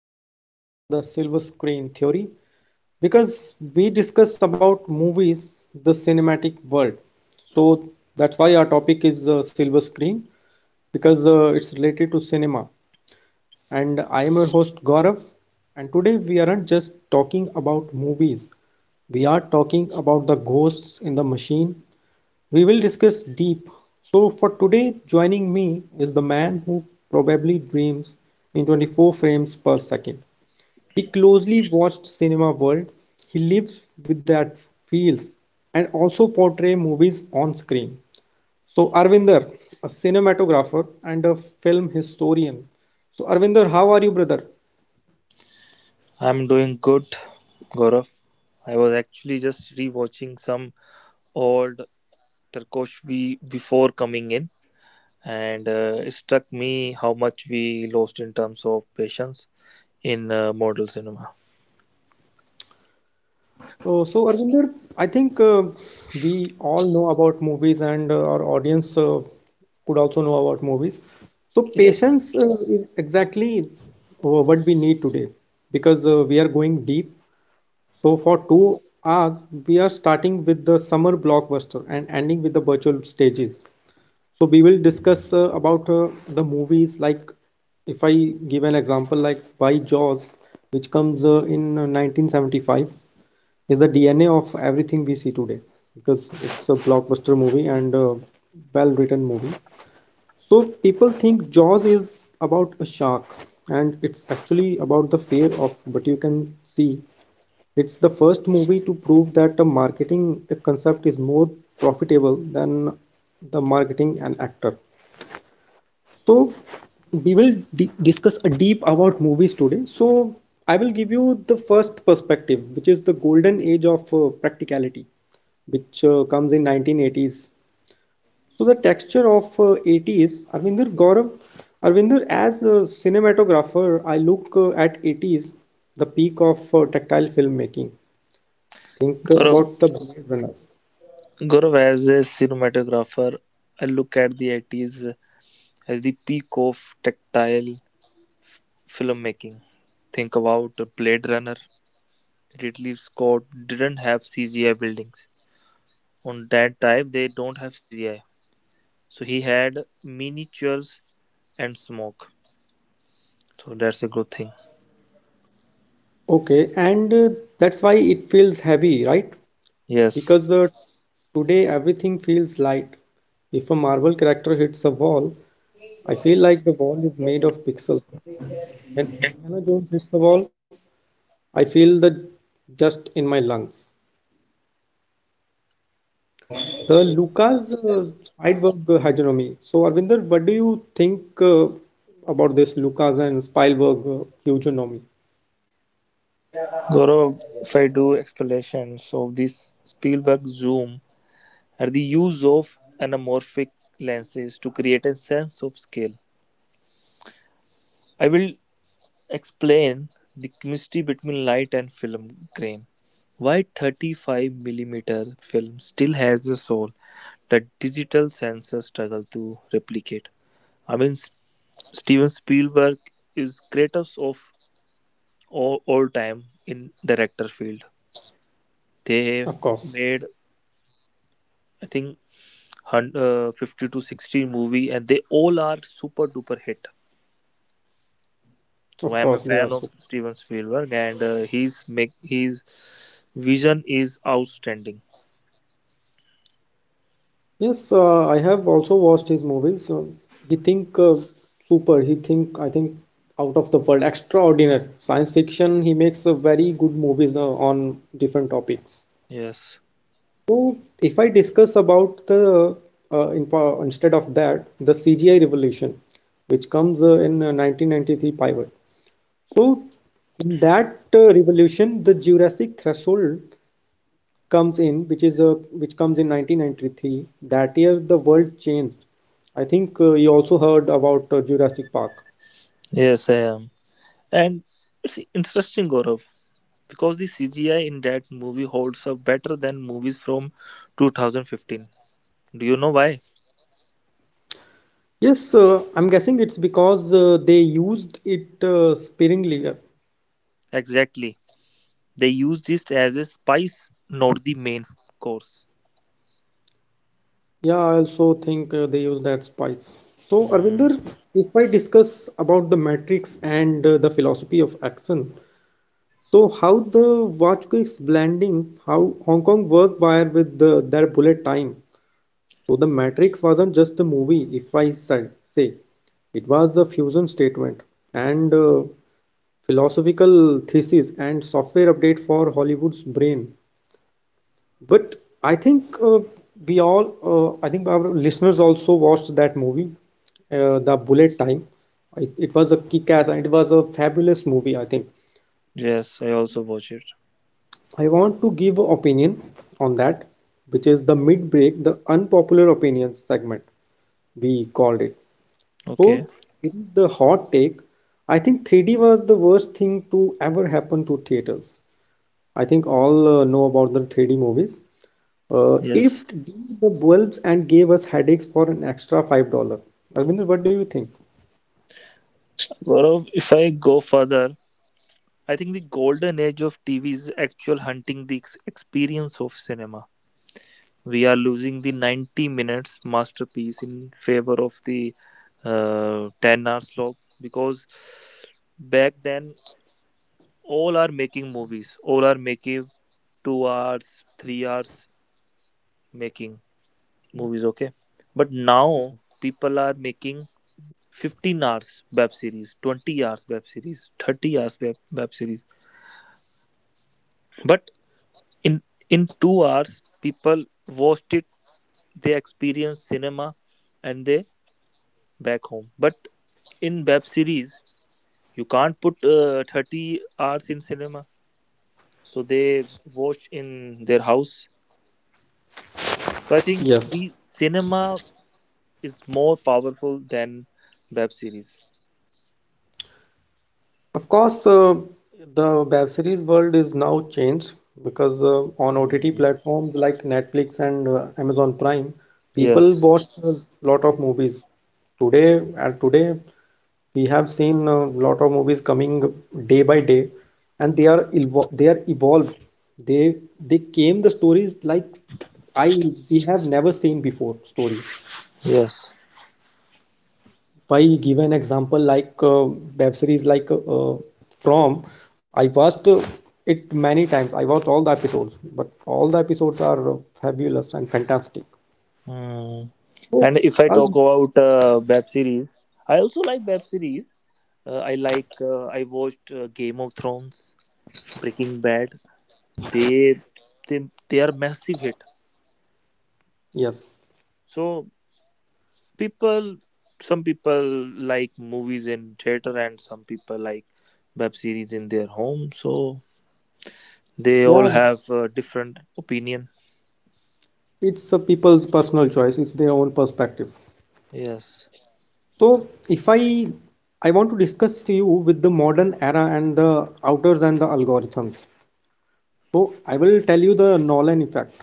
guys, welcome back to the Silver Screen Theory, because we discuss about movies, the cinematic world. So that's why our topic is silver screen, because it's related to cinema, and I am your host Gaurav, and today we aren't just talking about movies. We are talking about the ghosts in the machine. We will discuss deep. So for today joining me is the man who probably dreams in 24 frames per second. He closely watched cinema world. He lives with that feels, and also portray movies on screen. So Arvinder, a cinematographer and a film historian. So Arvinder, how are you, brother? I'm doing good, Gaurav. I was actually just rewatching some old Turkoshvi before coming in, and it struck me how much we lost in terms of patience in model cinema. So Arvinder, I think we all know about movies, and our audience could also know about movies. So Yes, patience is exactly what we need today, because we are going deep. So for 2 hours, we are starting with the summer blockbuster and ending with the virtual stages. So we will discuss about the movies like, if I give an example, like why Jaws, which comes in 1975, is the DNA of everything we see today, because it's a blockbuster movie and a well-written movie. So people think Jaws is about a shark, and it's actually about the fear of. But you can see it's the first movie to prove that the marketing concept is more profitable than the marketing an actor. So we will discuss a deep about movies today. So I will give you the first perspective, which is the golden age of practicality, which comes in 1980s. So the texture of 80s, Arvindur Gaurav, Arvindur as a cinematographer, I look at 80s, the peak of tactile filmmaking. Think Gaurav. about the Blade Runner. Gaurav, as a cinematographer, I look at the 80s as the peak of tactile f- filmmaking. Think about Blade Runner. Ridley Scott didn't have CGI buildings. On that time, they don't have CGI. So he had miniatures and smoke. So that's a good thing. Okay, and that's why it feels heavy, right? Yes. Because today everything feels light. If a Marvel character hits a wall, I feel like the wall is made of pixels. When Indiana Jones hits the wall, I feel the dust in my lungs. The Lucas Spielberg hegemony. So, Arvinder, what do you think about this Lucas and Spielberg hegemony? Gaurav, if I do explanation, so this Spielberg zoom are the use of anamorphic lenses to create a sense of scale. I will explain the chemistry between light and film grain. Why 35 millimeter film still has a soul that digital sensors struggle to replicate. I mean, Steven Spielberg is greatest of all time in director field. They Of have course, made, I think, 50 to 60 movie, and they all are super duper hit. So of I am a course, they fan are so. of Steven Spielberg, and his vision is outstanding. Yes, I have also watched his movies. He think super. He think I think out of the world, extraordinary. Science fiction. He makes very good movies on different topics. Yes. So if I discuss about the instead of that, the CGI revolution, which comes in 1993 pivot. So in that revolution, the Jurassic threshold comes in, which is a which comes in 1993. That year the world changed. I think you also heard about Jurassic Park. Yes, I am. And it's interesting, Gaurav, because the CGI in that movie holds up better than movies from 2015. Do you know why? Yes, I'm guessing it's because they used it sparingly. Exactly. They used it as a spice, not the main course. Yeah, I also think they use that spice. So, Arvinder, Hmm. if I discuss about the Matrix and the philosophy of action, so how the Vajpayee's blending, how Hong Kong work wire with their bullet time. So the Matrix wasn't just a movie, if I say. It was a fusion statement and philosophical thesis and software update for Hollywood's brain. But I think we all, I think our listeners also watched that movie, The Bullet Time. It was a kick-ass and it was a fabulous movie, I think. Yes, I also watch it. I want to give an opinion on that, which is the mid-break, the unpopular opinions segment we called it. Okay. So, in the hot take, I think 3D was the worst thing to ever happen to theaters. I think all know about the 3D movies. Yes. It dimmed the bulbs and gave us headaches for an extra $5. Arvinder, what do you think? Gaurav, if I go further, I think the golden age of TV is actual hunting the experience of cinema. We are losing the 90 minutes masterpiece in favor of the 10 hours log, because back then all are making movies, all are making 2 hours, 3 hours making movies, okay, but now people are making 15 hours web series, 20 hours web series, 30 hours web series. But in in 2 hours, people watched it, they experience cinema, and they back home. But in web series, you can't put 30 hours in cinema, so they watch in their house. So I think Yes. the cinema is more powerful than web series. Of course, the web series world is now changed, because on OTT Mm, platforms like Netflix and Amazon Prime, people yes, watch a lot of movies. Today, at today, we have seen a lot of movies coming day by day, and they are evolved. They they came the stories like, I, we have never seen before stories. yes. If I give an example like web series like uh, From, I watched it many times. I watched all the episodes, but all the episodes are fabulous and fantastic. Hmm. So, And if I I'll, talk about web series, I also like web series. I watched Game of Thrones, Breaking Bad. They they are massive hit. yes, So people, some people like movies in theater, and some people like web series in their home. So they all yeah, have different opinion. it's a people's personal choice. It's their own perspective. Yes. So, if I I want to discuss to you with the modern era and the outers and the algorithms. So, I will tell you the Nolan effect.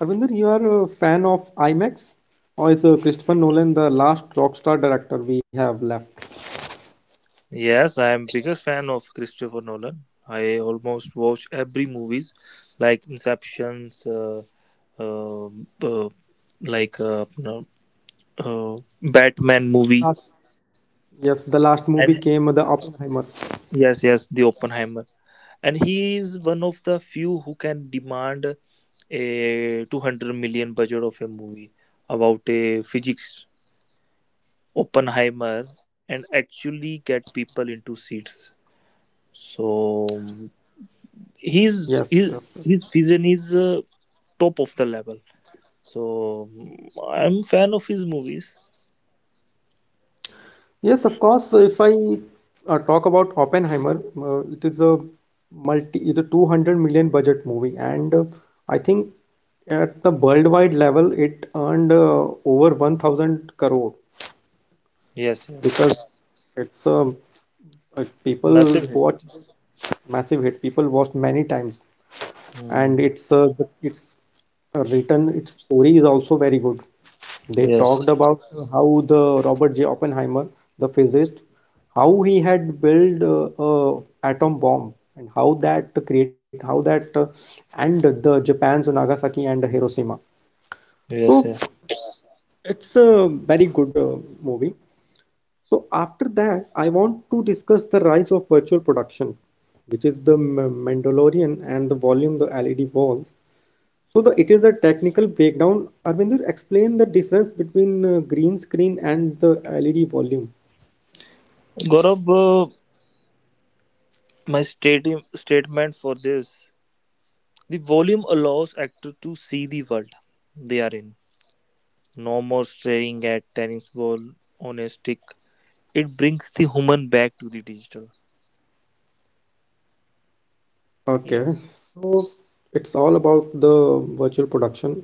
Arvinder, you are a fan of IMAX, or is Christopher Nolan the last rock star director we have left? Yes, I am biggest fan of Christopher Nolan. I almost watch every movies like Inceptions, uh, uh, like no, Batman movie, Last, yes, the last movie and came the Oppenheimer. yes, yes, the Oppenheimer. And he is one of the few who can demand a 200 million budget of a movie about a physics Oppenheimer, and actually get people into seats. So Yes, He's yes, yes. his vision is top of the level. So I'm fan of his movies. Yes, of course. So, if I talk about Oppenheimer, it is a it's a 200 million budget movie, and I think at the worldwide level, it earned over 1,000 crore, Yes, yes, because it's people massive hit. watch massive hit. People watched many times, and Hmm. it's it's written, its story is also very good. They talked Yes, about how the Robert J. Oppenheimer, the physicist, how he had built a atom bomb, and how that create, how that and the Japan's Nagasaki and Hiroshima. So yes, yes. it's a very good movie. So after that, I want to discuss the rise of virtual production, which is the Mandalorian and the volume, the LED walls. So the it is the technical breakdown. Arvindur, explain the difference between green screen and the LED volume. Gaurav, my statement for this: the volume allows actor to see the world they are in. No more staring at tennis ball on a stick. It brings the human back to the digital. Okay, Yes. so it's all about the virtual production.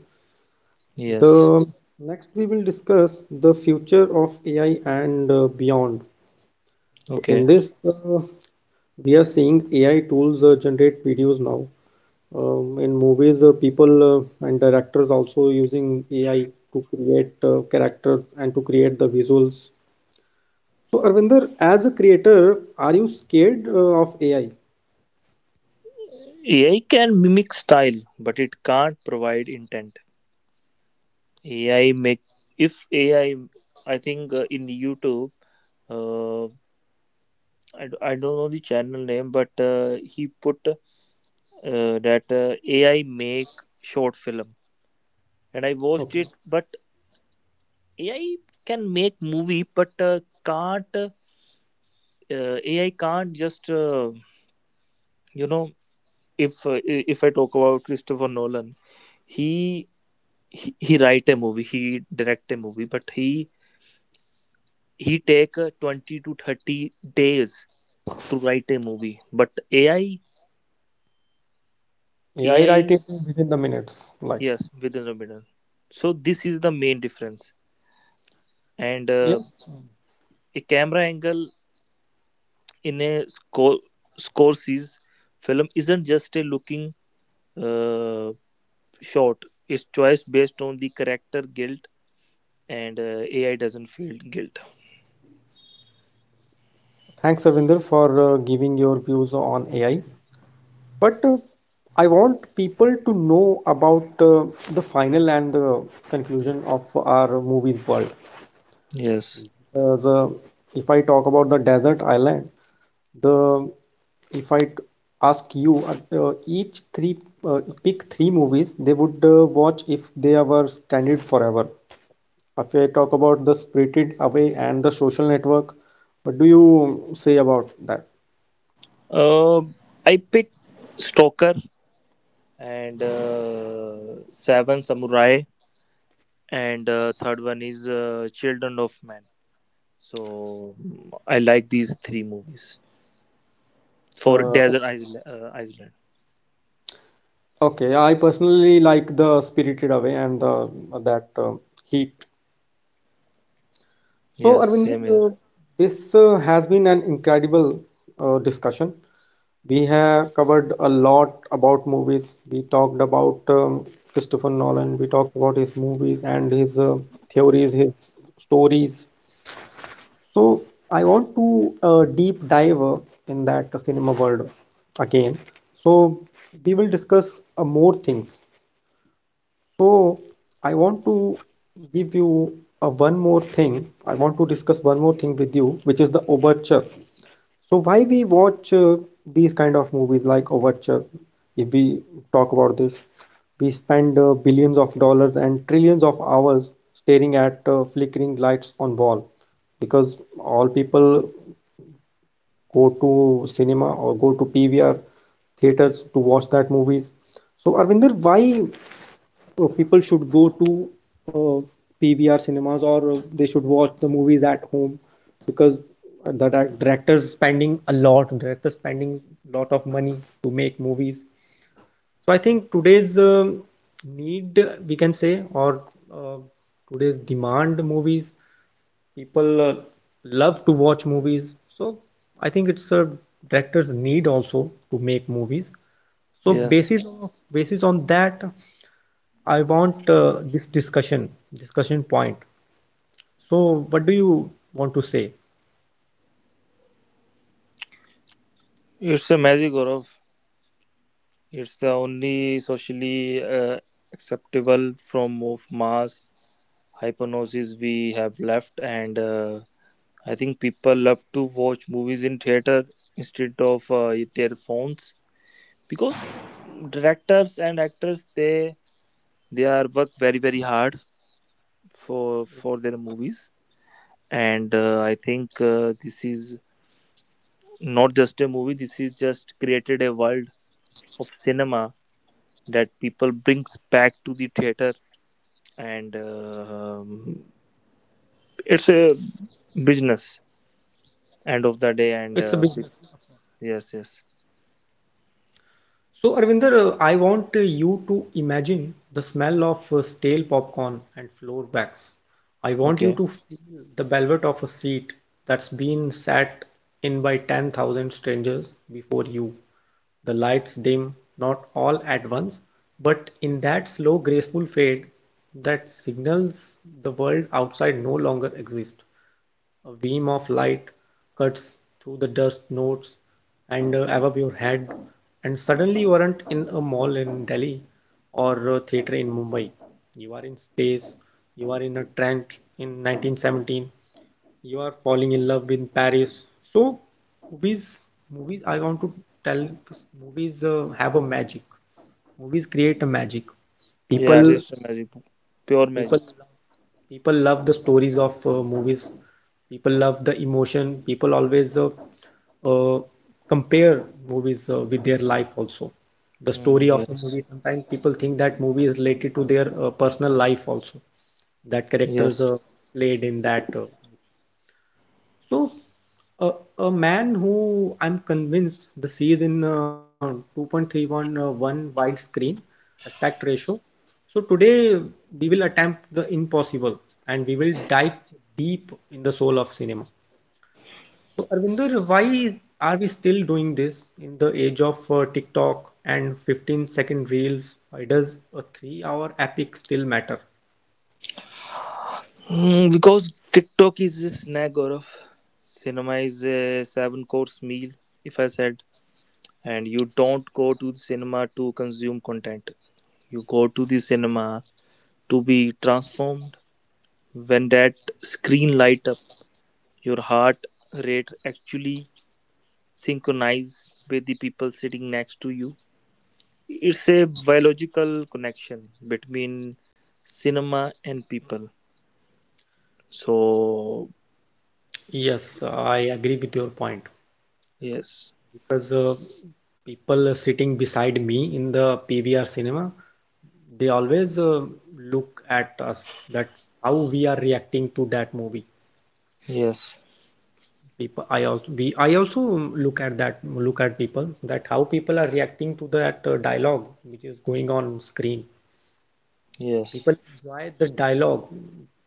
Yes. The next we will discuss the future of AI and beyond. So in Okay. this, we are seeing AI tools generate videos now. In movies, people and directors also using AI to create characters and to create the visuals. So, Arvinder, as a creator, are you scared of AI? AI can mimic style, but it can't provide intent. AI make If AI, I think, in YouTube, uh, I don't know the channel name, but he put that AI make short film, and I watched Okay. it. But AI can make movie, but can't AI can't just, you know if I talk about Christopher Nolan, he he write a movie, he direct a movie, but he take 20 to 30 days to write a movie, but ai AI ai writing within the minutes. Like, yes, within a minute. So this is the main difference, and yes. a camera angle in a score Scorsese's film isn't just a looking uh, shot, it's choice based on the character guilt, and ai doesn't feel guilt. Thanks, Arvinder, for giving your views on AI. But I want people to know about the final and the conclusion of our movies world. Yes. The if I talk about the desert island, the if I ask you each three pick three movies they would watch if they were stranded forever. If I talk about the Spirited Away and the Social Network, what do you say about that? uh, I picked Stalker, and Seven Samurai, and third one is Children of Man. So I like these three movies for Desert Okay. Island. Iceland. Okay, I personally like the Spirited Away and the that Heat. So, Yes, Arvind, same here. This has been an incredible discussion. We have covered a lot about movies. We talked about Christopher Nolan, we talked about his movies and his theories, his stories. So, I want to deep dive in that cinema world again. So, we will discuss more things. So, I want to give you one more thing. I want to discuss one more thing with you, which is the overture. So why we watch these kind of movies like Overture? If we talk about this, we spend billions of dollars and trillions of hours staring at flickering lights on wall, because all people go to cinema or go to PVR theaters to watch that movies. So Arvinder, why people should go to uh, PVR cinemas or they should watch the movies at home, because the directors spending a lot of money to make movies. So I think today's need we can say, or uh, today's demand movies, people love to watch movies. So I think it's a director's need also to make movies. So Yes, basis on that, I want this discussion, discussion point. So, what do you want to say? it's a magic, Gaurav. It's the only socially acceptable form of mass hypnosis we have left, and I think people love to watch movies in theater instead of their phones, because directors and actors, they are work very very hard for their movies, and I think this is not just a movie, this is just created a world of cinema that people brings back to the theater. And it's a business end of the day, and It's a business. peop- Yes, yes, So, Arvinder, I want you to imagine the smell of stale popcorn and floor wax. I want you okay, to feel the velvet of a seat that's been sat in by 10,000 strangers before you. The lights dim, not all at once, but in that slow, graceful fade that signals the world outside no longer exists. A beam of light cuts through the dust notes and above your head, and suddenly you aren't in a mall in Delhi or a theater in Mumbai. You are in space, you are in a trench in 1917, you are falling in love in Paris. So, movies, movies, I want to tell movies have a magic. Movies create a magic. yeah, it's People, just magic, pure people magic. people love the stories of movies, people love the emotion, people always uh, compare movies with their life also, the Mm, story of the yes, movie, sometimes people think that movie is related to their personal life also, that characters yes. Played in that so, a, a man who I'm convinced the sees in 2.31 one widescreen aspect ratio. So today we will attempt the impossible, and we will dive deep in the soul of cinema. So, Arvinder, why are we still doing this in the age of TikTok and 15-second reels? Why does a 3 hour epic still matter? Because TikTok is a snack, or of cinema is a seven course meal, if I said. And you don't go to the cinema to consume content, you go to the cinema to be transformed. When that screen light up, your heart rate actually synchronize with the people sitting next to you. It's a biological connection between cinema and people, so Yes, I agree with your point. yes, Because People sitting beside me in the PVR cinema, they always look at us, that how we are reacting to that movie. yes, People, I also we I also look at that look at people, that how people are reacting to that dialogue which is going on screen. yes, People enjoy the dialogue.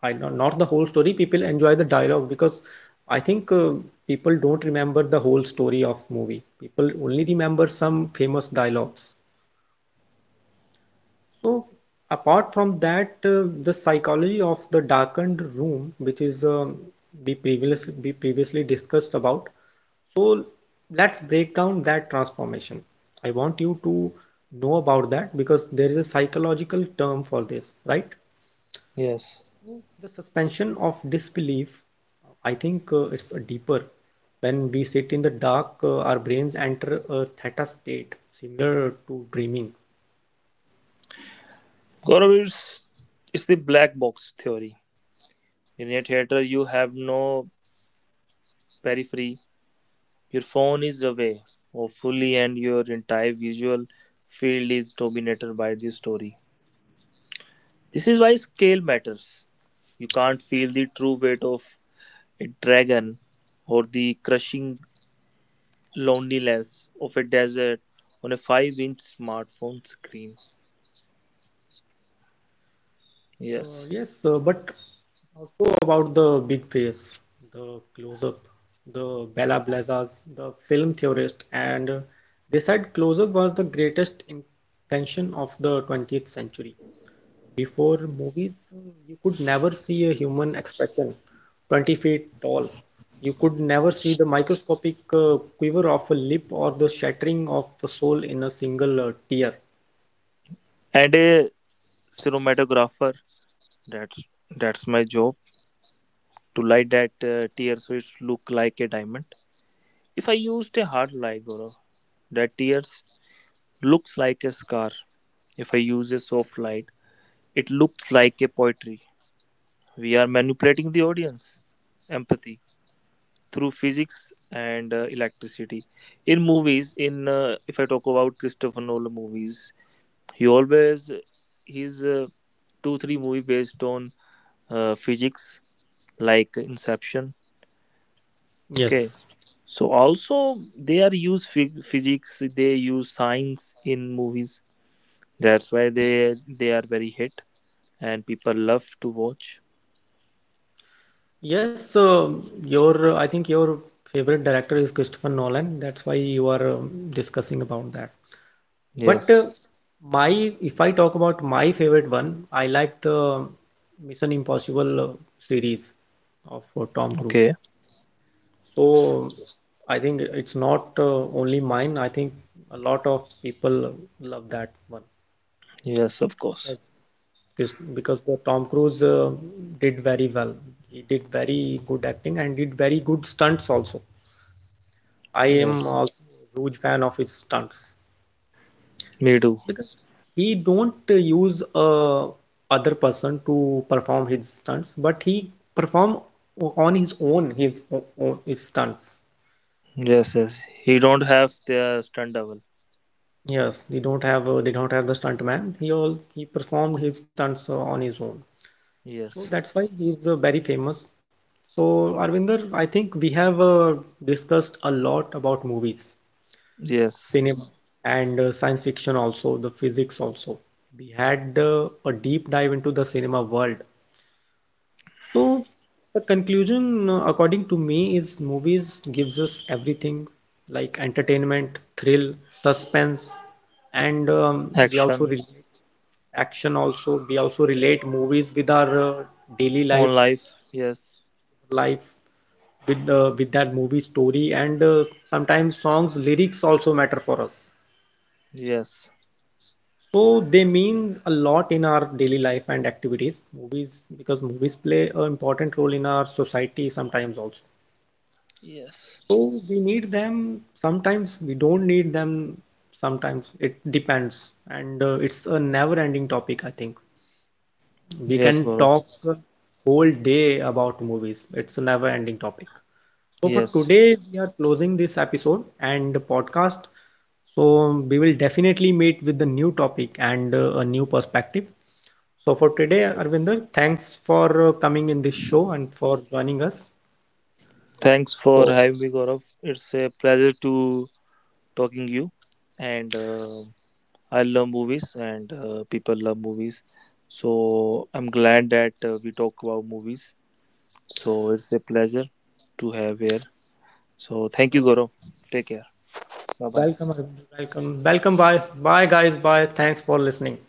I know, not the whole story. People enjoy the dialogue because I think people don't remember the whole story of movie. People only remember some famous dialogues. So, apart from that, the psychology of the darkened room, which is we previously discussed about. So let's break down that transformation. I want you to know about that, because there is a psychological term for this, right? yes. So, the suspension of disbelief, I think it's a deeper. When we sit in the dark, our brains enter a theta state, similar to dreaming. Gaurav, it's the black box theory. In a theater you have no periphery. Your phone is away, hopefully, and your entire visual field is dominated by this story. This is why scale matters. You can't feel the true weight of a dragon or the crushing loneliness of a desert on a 5-inch smartphone screen. Yes, Yes. but also about the big face, the close-up, the Bella Blazas, the film theorist, and they said close-up was the greatest invention of the 20th century. Before movies, you could never see a human expression 20 feet tall. You could never see the microscopic quiver of a lip or the shattering of a soul in a single tear. And a cinematographer, that's, that's my job, to light that tear so it look like a diamond. If I used a hard light, Gaurav, that tears looks like a scar. If I use a soft light, it looks like a poetry. We are manipulating the audience. Empathy through physics and electricity. In movies, in if I talk about Christopher Nolan movies, he always, his two three movie based on physics, like Inception. Okay, Yes. so also they are use physics. They use science in movies. That's why they are very hit and people love to watch. Yes, uh, your, I think your favorite director is Christopher Nolan. That's why you are discussing about that. But Yes. My if I talk about my favorite one, I like the Mission Impossible series of Tom Cruise. Okay. So I think it's not only mine. I think a lot of people love that one, Yes, of course. because because the Tom Cruise did very well. He did very good acting, and did very good stunts also. I am Yes. also a huge fan of his stunts, Me too. because he don't use other person to perform his stunts, but he perform on his own his stunts. Yes, yes. He don't have their stunt double. Yes, they don't have the stuntman. He performed his stunts on his own, so Yes. that's why he's very famous. So Arvinder, I think we have discussed a lot about movies, Yes. cinema, and science fiction, also the physics also. We had a deep dive into the cinema world. So the conclusion, according to me, is movies gives us everything, like entertainment, thrill, suspense, and we also Action relate action also. We also relate movies with our daily on life life. Yes. life with the with that movie story, and sometimes songs lyrics also matter for us. Yes. So they means a lot in our daily life and activities. Movies, because movies play an important role in our society sometimes also. Yes. So we need them sometimes, we don't need them sometimes. It depends. And it's a never-ending topic, I think. We Yes, can Gaurav. talk a whole day about movies. It's a never-ending topic. So for Yes. today, we are closing this episode and podcast. So we will definitely meet with the new topic and a new perspective. So for today, Arvinder, thanks for coming in this show and for joining us. Thanks for So having me, Gaurav. It's a pleasure to talking you. And I love movies, and people love movies. So I'm glad that we talk about movies. So it's a pleasure to have here. So thank you, uh, Goro. Take care. Bye bye. welcome, Arvinder, welcome, welcome. Bye, bye, guys. Bye. Thanks for listening.